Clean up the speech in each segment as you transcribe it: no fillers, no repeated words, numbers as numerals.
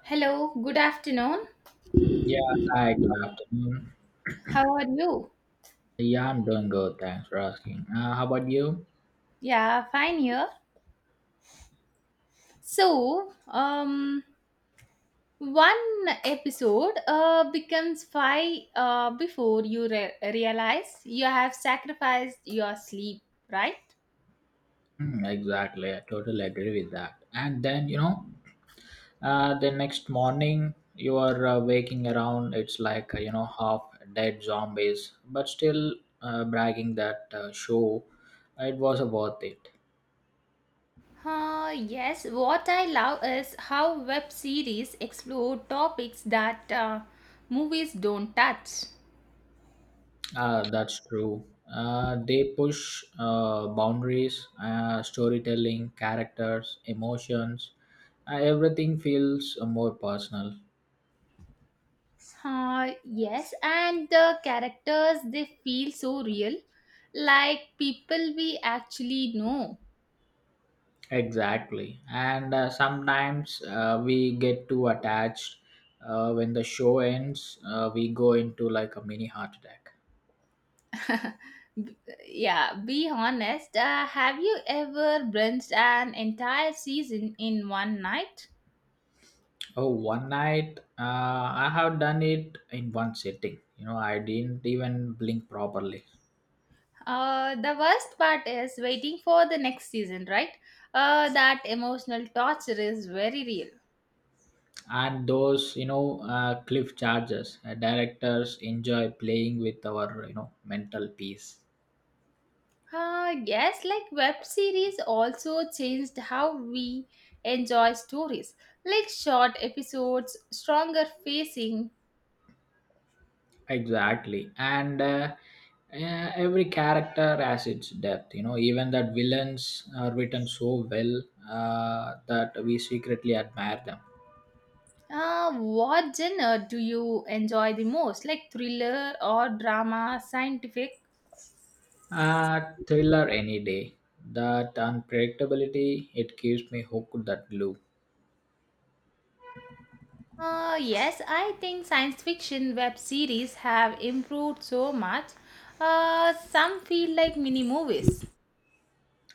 Hello, good afternoon. Yeah, hi, good afternoon. How are you? Yeah, I'm doing good. Thanks for asking. How about you? Yeah, fine here. So, one episode becomes five before you realize you have sacrificed your sleep, right? Hmm, exactly. I totally agree with that. And then, the next morning you are waking around, it's like, half dead zombies, but still bragging that show, it was worth it. Yes, what I love is how web series explore topics that movies don't touch. That's true. They push boundaries, storytelling, characters, emotions. Everything feels more personal. Yes, and the characters they feel so real, like people we actually know. Exactly. And sometimes we get too attached. When the show ends, we go into like a mini heart attack. B- yeah, be honest. Have you ever binged an entire season in one night? Oh, one night I have done it in one sitting. You know, I didn't even blink properly. The worst part is waiting for the next season, right? That emotional torture is very real. And those, cliff charges, directors enjoy playing with our, you know, mental peace. Yes, like web series also changed how we enjoy stories, like short episodes, stronger facing. Exactly. And every character has its depth. You know, even that villains are written so well that we secretly admire them. What genre do you enjoy the most, like thriller or drama, scientific? Thriller any day. That unpredictability, it keeps me hooked that glue. Yes, I think science fiction web series have improved so much. Some feel like mini movies.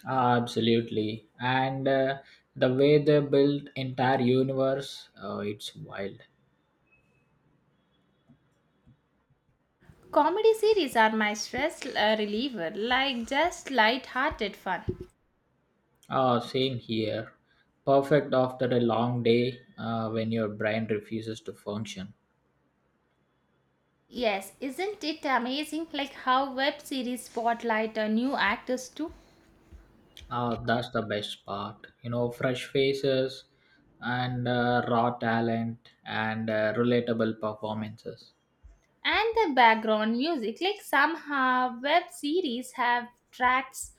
Absolutely. And the way they build entire universe, it's wild. Comedy series are my stress reliever, like just light-hearted fun. Oh, same here. Perfect after a long day when your brain refuses to function. Yes, isn't it amazing like how web series spotlight new actors too? That's the best part. You know, fresh faces and raw talent and relatable performances. And the background music, like somehow web series have tracks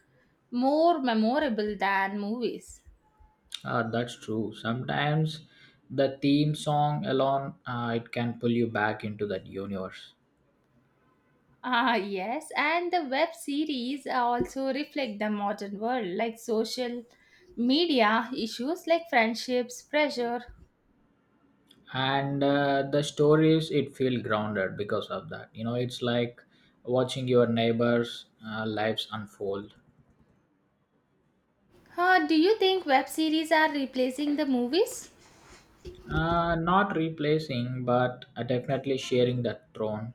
more memorable than movies. That's true. Sometimes the theme song alone it can pull you back into that universe. Ah, yes, and the web series also reflect the modern world, like social media issues like friendships, pressure. And the stories it feel grounded because of that. You know, it's like watching your neighbors' lives unfold. Do you think web series are replacing the movies? Not replacing, but definitely sharing that throne.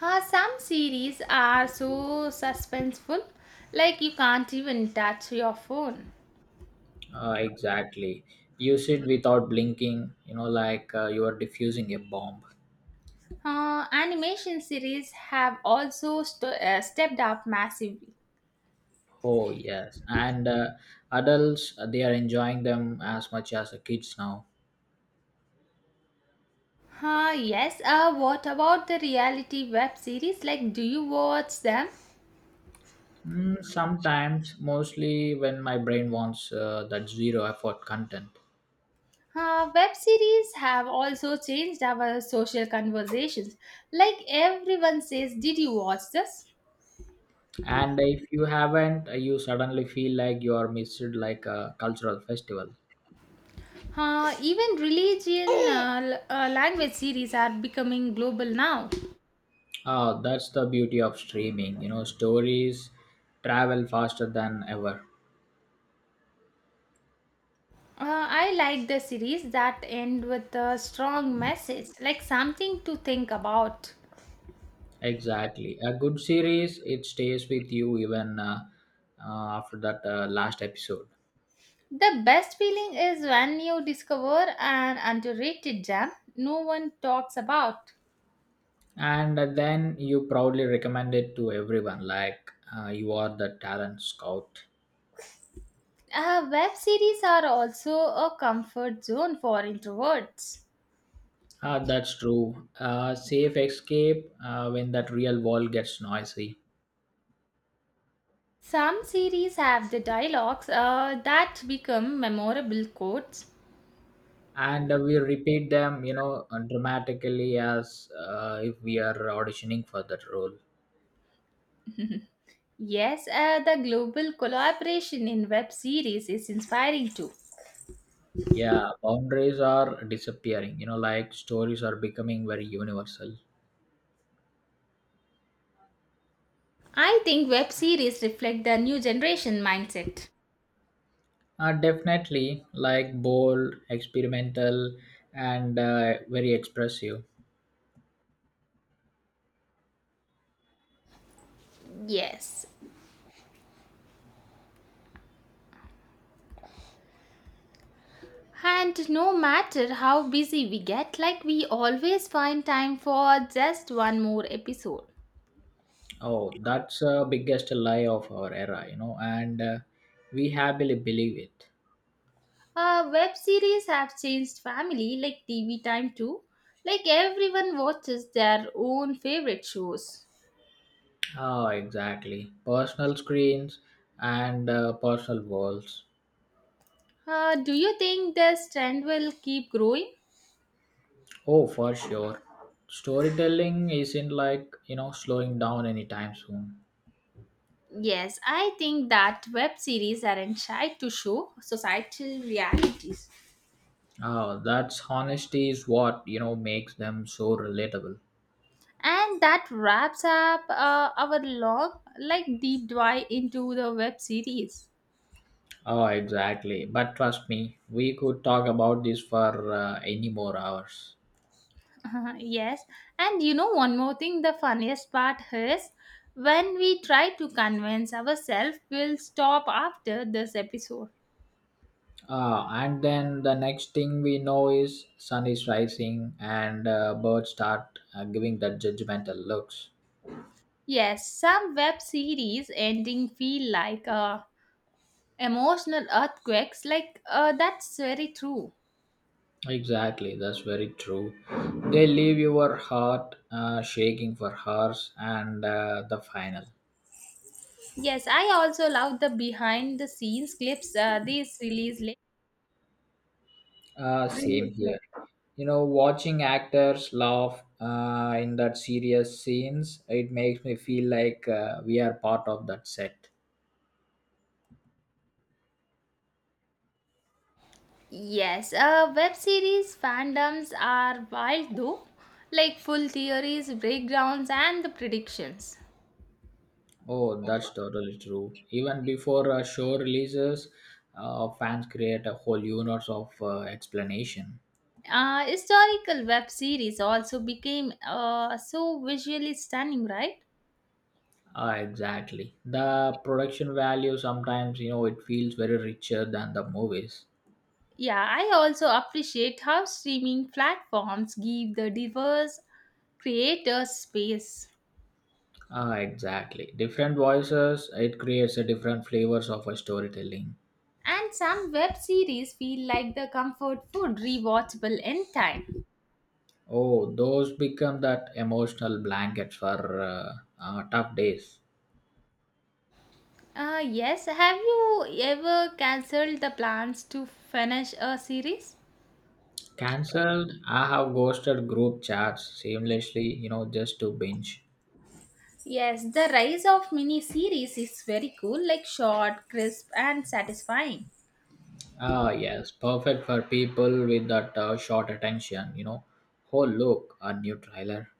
Some series are so suspenseful, like you can't even touch your phone. Exactly. Use it without blinking, you know, like you are diffusing a bomb. Animation series have also stepped up massively. Oh, yes. And adults, they are enjoying them as much as the kids now. Yes, what about the reality web series? Like, do you watch them? Mm, sometimes, mostly when my brain wants that zero effort content. Web series have also changed our social conversations. Like, everyone says, "Did you watch this?" And if you haven't, you suddenly feel like you are missed like a cultural festival. Even religion language series are becoming global now. Oh, that's the beauty of streaming, you know, stories travel faster than ever. I like the series that end with a strong message, like something to think about. Exactly. A good series, it stays with you even after that last episode. The best feeling is when you discover an underrated gem no one talks about. And then you proudly recommend it to everyone, like you are the talent scout. Web series are also a comfort zone for introverts. Ah, that's true. Safe escape when that real world gets noisy. Some series have the dialogues that become memorable quotes. And we repeat them, you know, dramatically as if we are auditioning for that role. Yes, the global collaboration in web series is inspiring too. Yeah, boundaries are disappearing, you know, like stories are becoming very universal. I think web series reflect the new generation mindset. Definitely, like bold, experimental, and very expressive. Yes. And no matter how busy we get, like we always find time for just one more episode. Oh, that's the biggest lie of our era, you know, and we happily believe it. Web series have changed family like TV time too. Like everyone watches their own favorite shows. Oh, exactly. Personal screens and personal walls. Do you think this trend will keep growing? Oh, for sure. Storytelling isn't like, you know, slowing down anytime soon. Yes, I think that web series aren't shy to show societal realities. Oh, that's honesty is what, you know, makes them so relatable. And that wraps up our long, like deep dive into the web series. Oh, exactly. But trust me, we could talk about this for any more hours. yes, and you know one more thing. The funniest part is when we try to convince ourselves we'll stop after this episode. Ah, and then the next thing we know is sun is rising and birds start giving that judgmental looks. Yes, some web series ending feel like emotional earthquakes. Like that's very true. Exactly, that's very true. They leave your heart shaking for hours and the final. Yes, I also love the behind the scenes clips. These release Same here. late. You know, watching actors laugh in that serious scenes, it makes me feel like we are part of that set. Yes, web series fandoms are wild though, like full theories, breakdowns, and the predictions. Oh, that's totally true. Even before a show releases, fans create a whole universe of explanation. Historical web series also became so visually stunning, right? Ah, exactly. The production value sometimes, you know, it feels very richer than the movies. Yeah, I also appreciate how streaming platforms give the diverse creators space. Ah, exactly. Different voices, it creates a different flavors of a storytelling. And some web series feel like the comfort food rewatchable in time. Oh, those become that emotional blankets for tough days. Yes, have you ever cancelled the plans to finish a series? Cancelled. I have ghosted group chats seamlessly, you know, just to binge. Yes, the rise of mini series is very cool, like short, crisp, and satisfying. Ah, yes, perfect for people with that short attention, you know. Oh, look, a new trailer.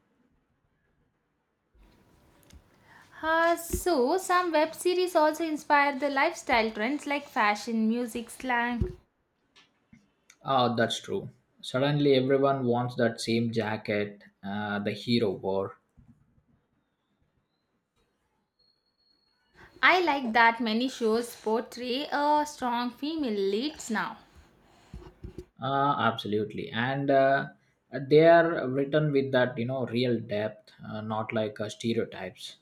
So, some web series also inspire the lifestyle trends like fashion, music, slang. Ah, that's true. Suddenly, everyone wants that same jacket the hero wore. I like that many shows portray a strong female leads now. Ah, absolutely. And they are written with that, you know, real depth, not like stereotypes.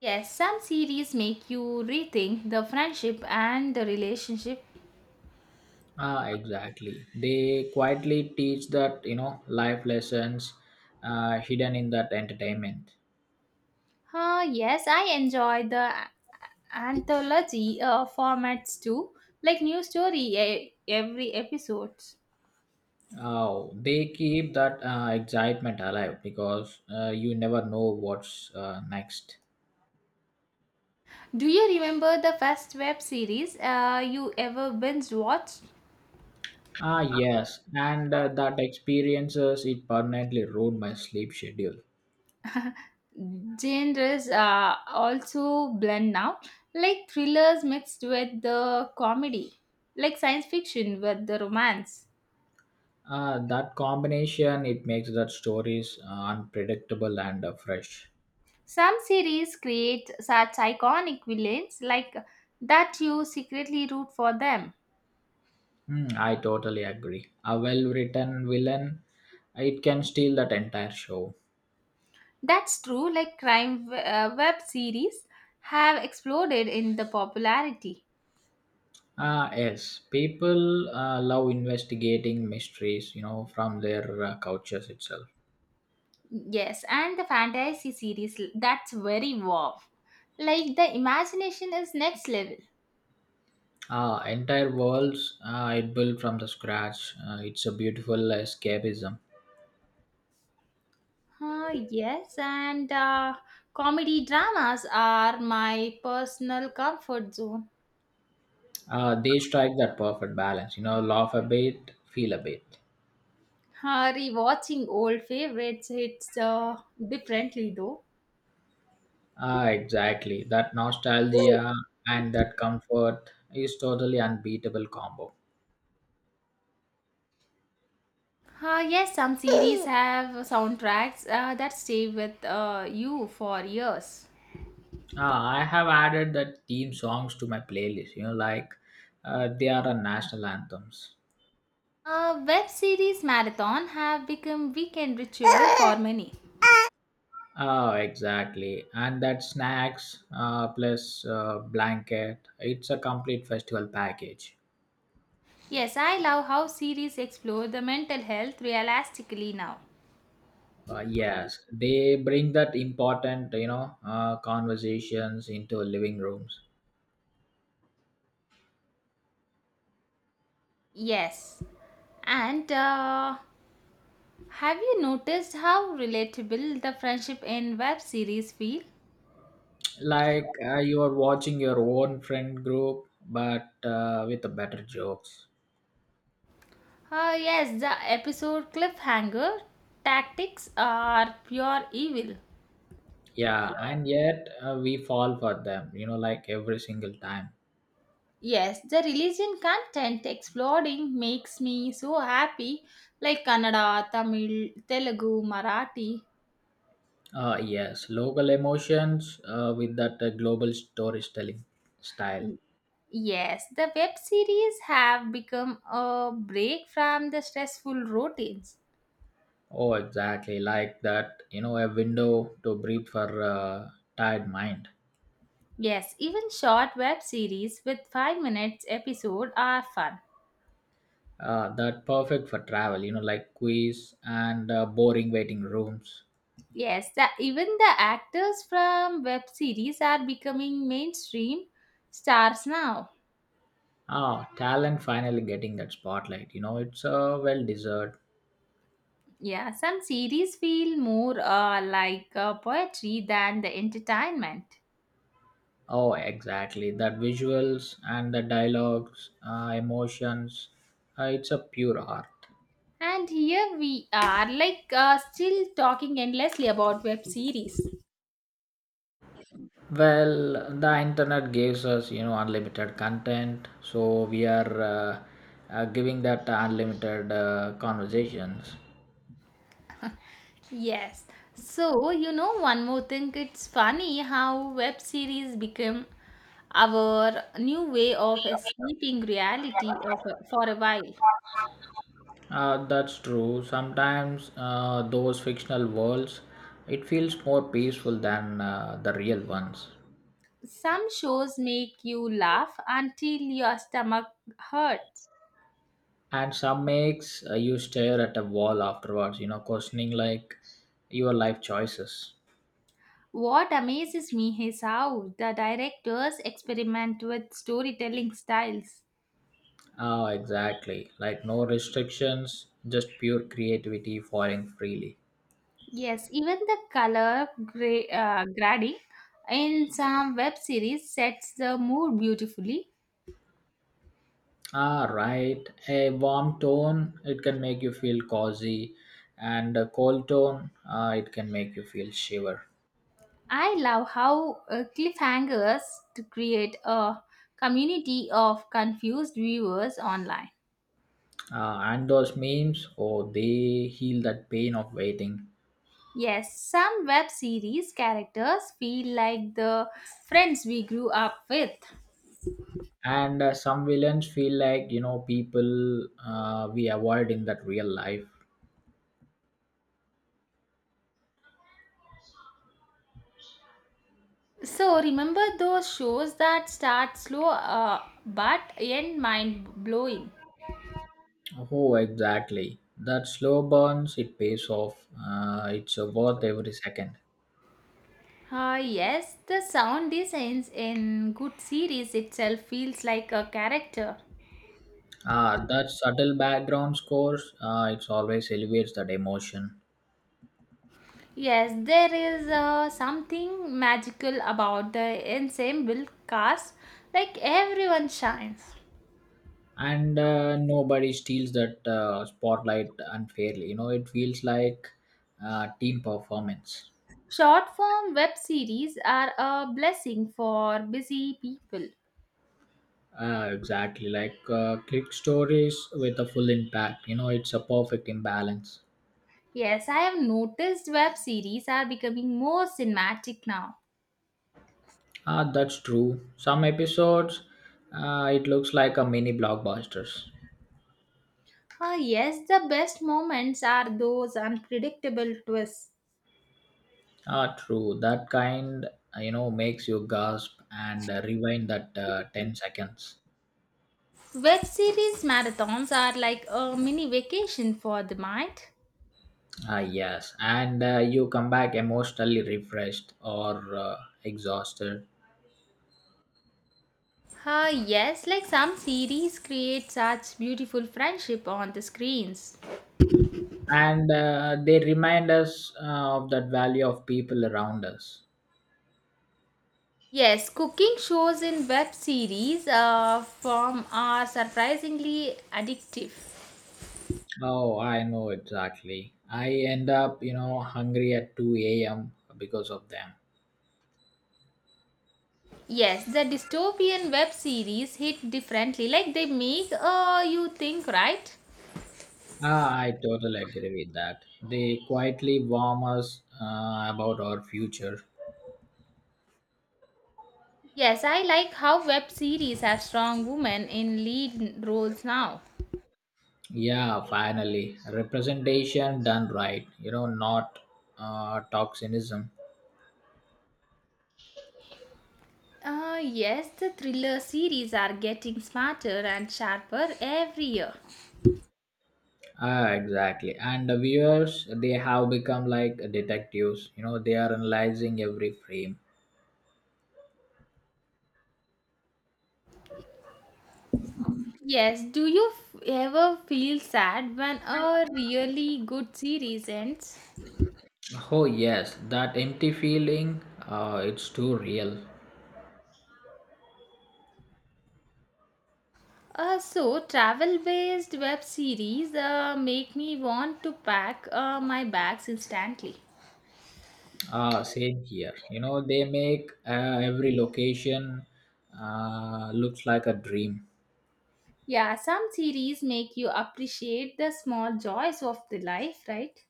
Yes, some series make you rethink the friendship and the relationship. Ah, exactly. They quietly teach that you know life lessons hidden in that entertainment. Yes, I enjoy the anthology formats too, like new story every episode. Oh, they keep that excitement alive because you never know what's next. Do you remember the first web series you ever binge watched? Ah, yes, and that experiences it permanently ruined my sleep schedule. Genres also blend now, like thrillers mixed with the comedy, like science fiction with the romance. That combination it makes that stories unpredictable and fresh. Some series create such iconic villains like that you secretly root for them. Hmm, I totally agree. A well-written villain, it can steal that entire show. That's true, like crime web series have exploded in the popularity. Ah, yes, people love investigating mysteries, you know, from their couches itself. Yes, and the fantasy series that's very wow. Like the imagination is next level. Ah, entire worlds it built from the scratch. It's a beautiful escapism. Yes, and comedy dramas are my personal comfort zone. They strike that perfect balance, you know, laugh a bit, feel a bit. Rewatching old favorites hits differently though. Ah, exactly. That nostalgia and that comfort is totally unbeatable combo. Yes, some series have soundtracks that stay with you for years. Ah, I have added that theme songs to my playlist, you know, like they are a national anthems. Web series marathon have become weekend ritual for many. Oh, exactly. And that snacks plus blanket, it's a complete festival package. Yes, I love how series explore the mental health realistically now. Yes, they bring that important, you know, conversations into living rooms. Yes, and have you noticed how relatable the friendship in web series feel? Like you are watching your own friend group, but with the better jokes. Yes, the episode cliffhanger tactics are pure evil. Yeah, and yet we fall for them, you know, like every single time. Yes, the religion content exploring makes me so happy, like Kannada, Tamil, Telugu, Marathi. Yes, local emotions with that global storytelling style. Yes, the web series have become a break from the stressful routines. Oh, exactly like that. You know, a window to breathe for a tired mind. Yes, even short web series with 5 minutes episode are fun. That perfect for travel. You know, like quiz and boring waiting rooms. Yes, even the actors from web series are becoming mainstream stars now. Ah, talent finally getting that spotlight. You know, it's well deserved. Yeah, some series feel more like poetry than the entertainment. Oh, exactly. That visuals and the dialogues, emotions. It's a pure art. And here we are, like still talking endlessly about web series. Well, the internet gives us, you know, unlimited content, so we are giving that unlimited conversations. Yes. So, you know, one more thing, it's funny how web series become our new way of escaping reality of, for a while. That's true. Sometimes those fictional worlds, it feels more peaceful than the real ones. Some shows make you laugh until your stomach hurts. And some makes you stare at a wall afterwards, you know, questioning like your life choices. What amazes me is how the directors experiment with storytelling styles. Ah, exactly. Like no restrictions, just pure creativity flowing freely. Yes, even the color grading in some web series sets the mood beautifully. Ah, right. A warm tone, it can make you feel cozy, and a cold tone, it can make you feel shiver. I love how cliffhangers to create a community of confused viewers online. And those memes, oh, they heal that pain of waiting. Yes, some web series characters feel like the friends we grew up with. And some villains feel like, you know, people we avoid in that real life. So remember those shows that start slow but end mind blowing. Oh, exactly. That slow burns, it pays off. It's worth every second. Ah yes, the sound designs in good series itself feels like a character. Ah, that subtle background scores, it always elevates that emotion. Yes, there is something magical about the ensemble cast, like everyone shines. And nobody steals that spotlight unfairly, you know, it feels like team performance. Short form web series are a blessing for busy people. Exactly, like click stories with a full impact, you know, it's a perfect imbalance. Yes, I have noticed web series are becoming more cinematic now. Ah, that's true, some episodes it looks like a mini blockbusters. Ah, yes, the best moments are those unpredictable twists. Ah, true, that kind you know makes you gasp and rewind that 10 seconds. Web series marathons are like a mini vacation for the mind. Ah, yes. And you come back emotionally refreshed or exhausted. Ah, yes, like some series create such beautiful friendship on the screens. And they remind us of that value of people around us. Yes, cooking shows in web series form are surprisingly addictive. Oh, I know exactly. I end up, you know, hungry at 2 a.m. because of them. Yes, the dystopian web series hit differently, like they make you think, right? Ah, I totally agree with that. They quietly warn us about our future. Yes, I like how web series have strong women in lead roles now. Yeah, finally, representation done right. You know, not toxism. Yes, the thriller series are getting smarter and sharper every year. Ah, exactly. And the viewers, they have become like detectives. You know, they are analyzing every frame. Yes, do you ever feel sad when a really good series ends? Oh yes, that empty feeling, it's too real. So, travel based web series make me want to pack my bags instantly. Ah, same here. You know, they make every location looks like a dream. Yeah, some series make you appreciate the small joys of the life, right?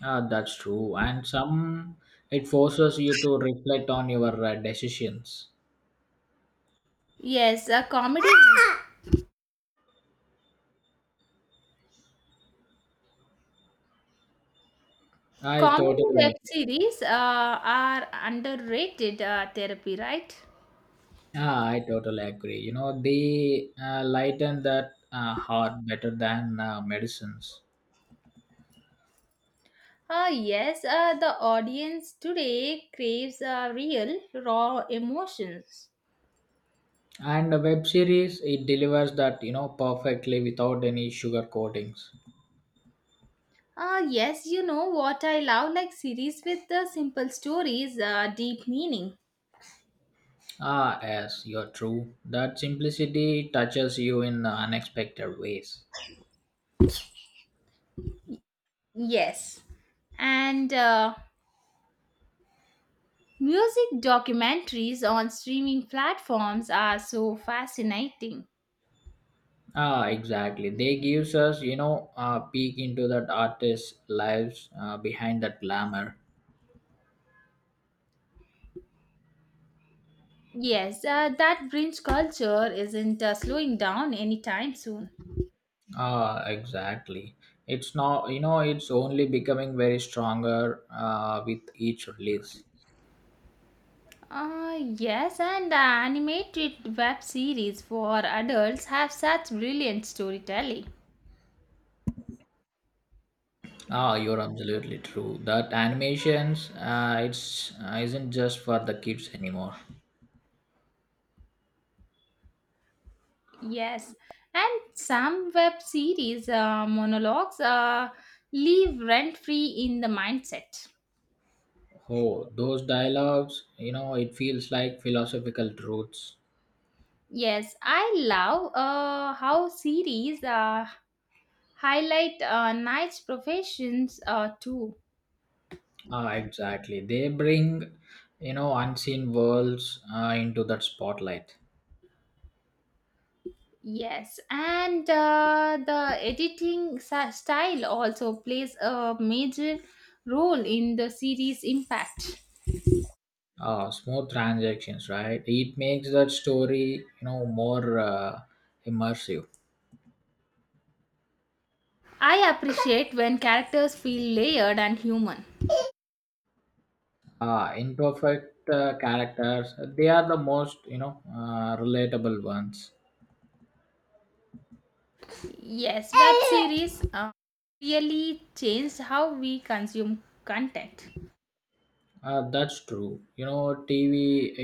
Ah, that's true. And some, it forces you to reflect on your decisions. Yes, a comedy I Comedy totally. web series are underrated therapy, right? Yeah, I totally agree. You know, they lighten that heart better than medicines. Yes, the audience today craves real, raw emotions. And a web series, it delivers that, you know, perfectly without any sugar coatings. Yes, you know what I love like series with the simple stories, deep meaning. Ah, yes, you're true. That simplicity touches you in unexpected ways. Yes. And music documentaries on streaming platforms are so fascinating. Ah, exactly. They gives us, you know, a peek into that artist's lives behind that glamour. Yes, that bridge culture isn't slowing down anytime soon. Ah, exactly. It's now you know it's only becoming very stronger with each release. Yes, and the animated web series for adults have such brilliant storytelling. Ah, you're absolutely true. That animations, it's isn't just for the kids anymore. Yes, and some web series monologues leave rent free in the mindset. Oh, those dialogues, you know, it feels like philosophical truths. Yes, I love how series highlight nice professions too. Ah, exactly. They bring, you know, unseen worlds into that spotlight. Yes, and the editing style also plays a major role in the series' impact. Ah, smooth transactions, right? It makes that story, you know, more immersive. I appreciate when characters feel layered and human. Imperfect characters, they are the most, you know, relatable ones. Yes, web series really changed how we consume content. That's true, you know, tv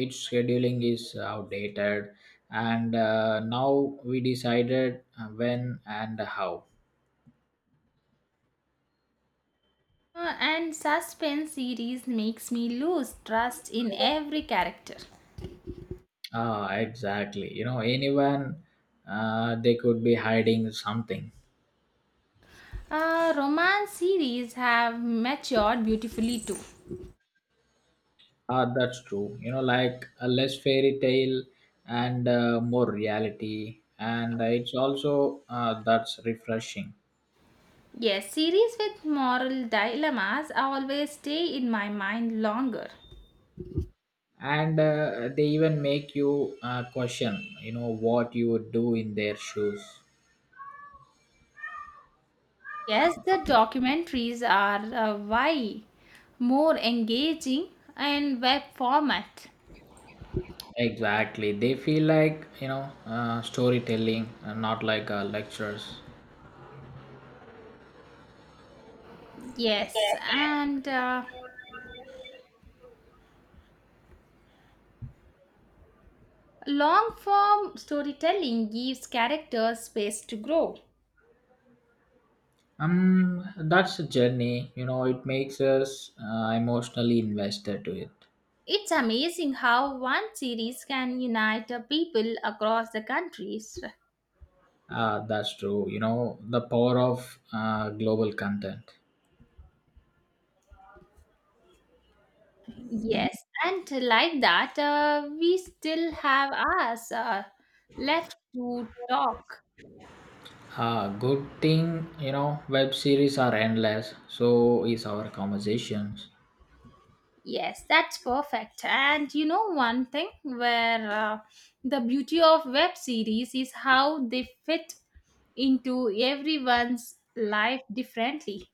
its scheduling is outdated, and now we decided when and how. And suspense series makes me lose trust in every character. Ah exactly, you know anyone they could be hiding something. Romance series have matured beautifully too. Ah, that's true, you know, like a less fairy tale and more reality, and it's also that's refreshing. Yes, series with moral dilemmas always stay in my mind longer. And they even make you question you know what you would do in their shoes. Yes, the documentaries are why more engaging and web format. Exactly, they feel like, you know, storytelling and not like lectures. Yes, and long form storytelling gives characters space to grow. um that's a journey, you know, it makes us emotionally invested to it. It's amazing how one series can unite people across the countries. That's true, you know, the power of global content. Yes, and like that, we still have us left to talk. Good thing, you know, web series are endless, so is our conversations. Yes, that's perfect. And you know, one thing where the beauty of web series is how they fit into everyone's life differently.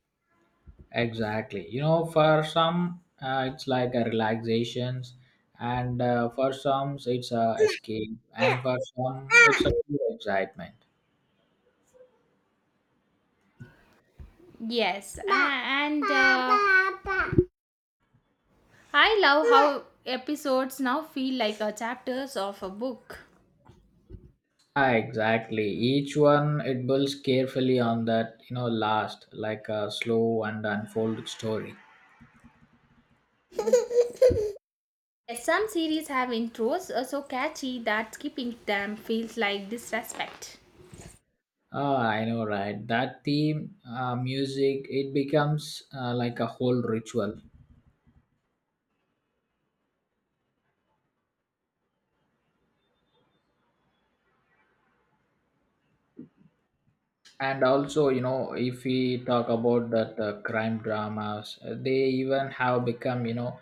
Exactly. You know, for some, it's like a relaxations, and for some, it's a escape, and for some, it's a pure excitement. Yes, and I love how episodes now feel like chapters of a book. Ah, exactly. Each one it builds carefully on that, you know, last like a slow and unfolded story. Yes, some series have intros so catchy that skipping them feels like disrespect. Ah, I know, right? That theme, music, it becomes like a whole ritual. And also, you know, if we talk about that crime dramas, they even have become, you know,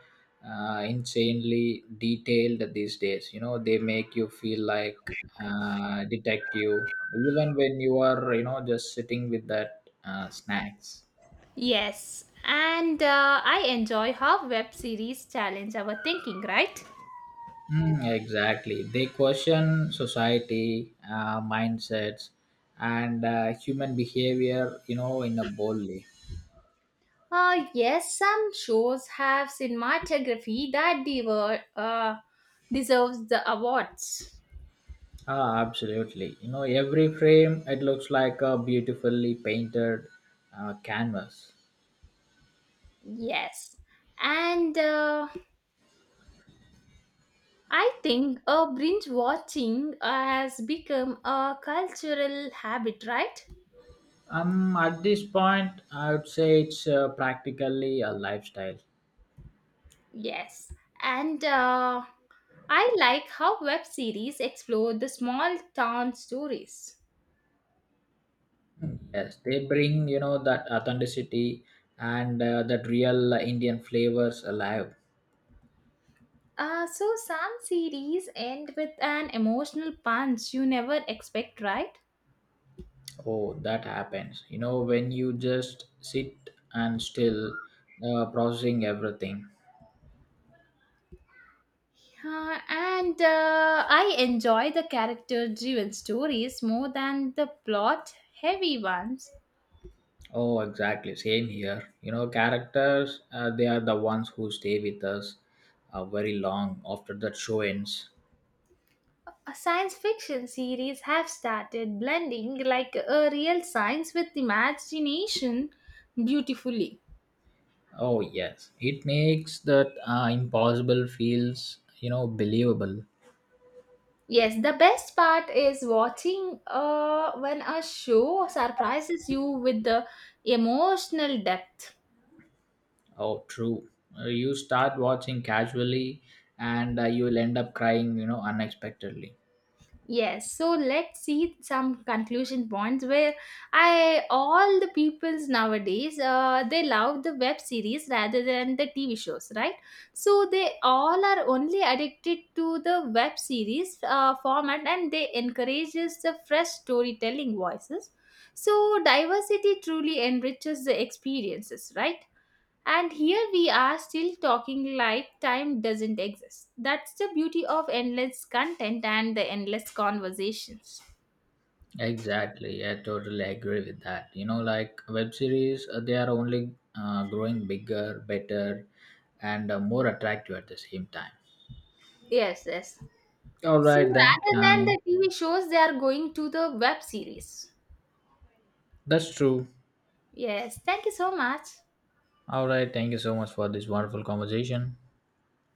insanely detailed these days, you know, they make you feel like detective even when you are, you know, just sitting with that snacks. Yes, and I enjoy how web series challenge our thinking, right? Mm, exactly. They question society, mindsets, and human behavior, you know, in a boldly. Yes, some shows have cinematography that deserves the awards. Ah, absolutely. You know, every frame it looks like a beautifully painted canvas. Yes, and I think binge watching has become a cultural habit, right? At this point, I would say it's practically a lifestyle. Yes, and I like how web series explore the small town stories. Yes, they bring, you know, that authenticity and that real Indian flavors alive. So some series end with an emotional punch you never expect, right? Oh, that happens. You know, when you just sit and still processing everything. And I enjoy the character-driven stories more than the plot-heavy ones. Oh, exactly. Same here. You know, characters, they are the ones who stay with us very long after that show ends. Science fiction series have started blending like a real science with imagination beautifully. Oh, yes. It makes that impossible feels, you know, believable. Yes, the best part is watching when a show surprises you with the emotional depth. Oh, true. You start watching casually and you'll end up crying, you know, unexpectedly. Yes, so let's see some conclusion points where I all the peoples nowadays they love the web series rather than the TV shows, right? So they all are only addicted to the web series format, and they encourages the fresh storytelling voices. So diversity truly enriches the experiences, right? And here we are still talking like time doesn't exist. That's the beauty of endless content and the endless conversations. Exactly. I totally agree with that. You know, like web series, they are only growing bigger, better, and more attractive at the same time. Yes, yes. All So right then. rather than the TV shows, they are going to the web series. That's true. Yes, thank you so much. All right. Thank you so much for this wonderful conversation.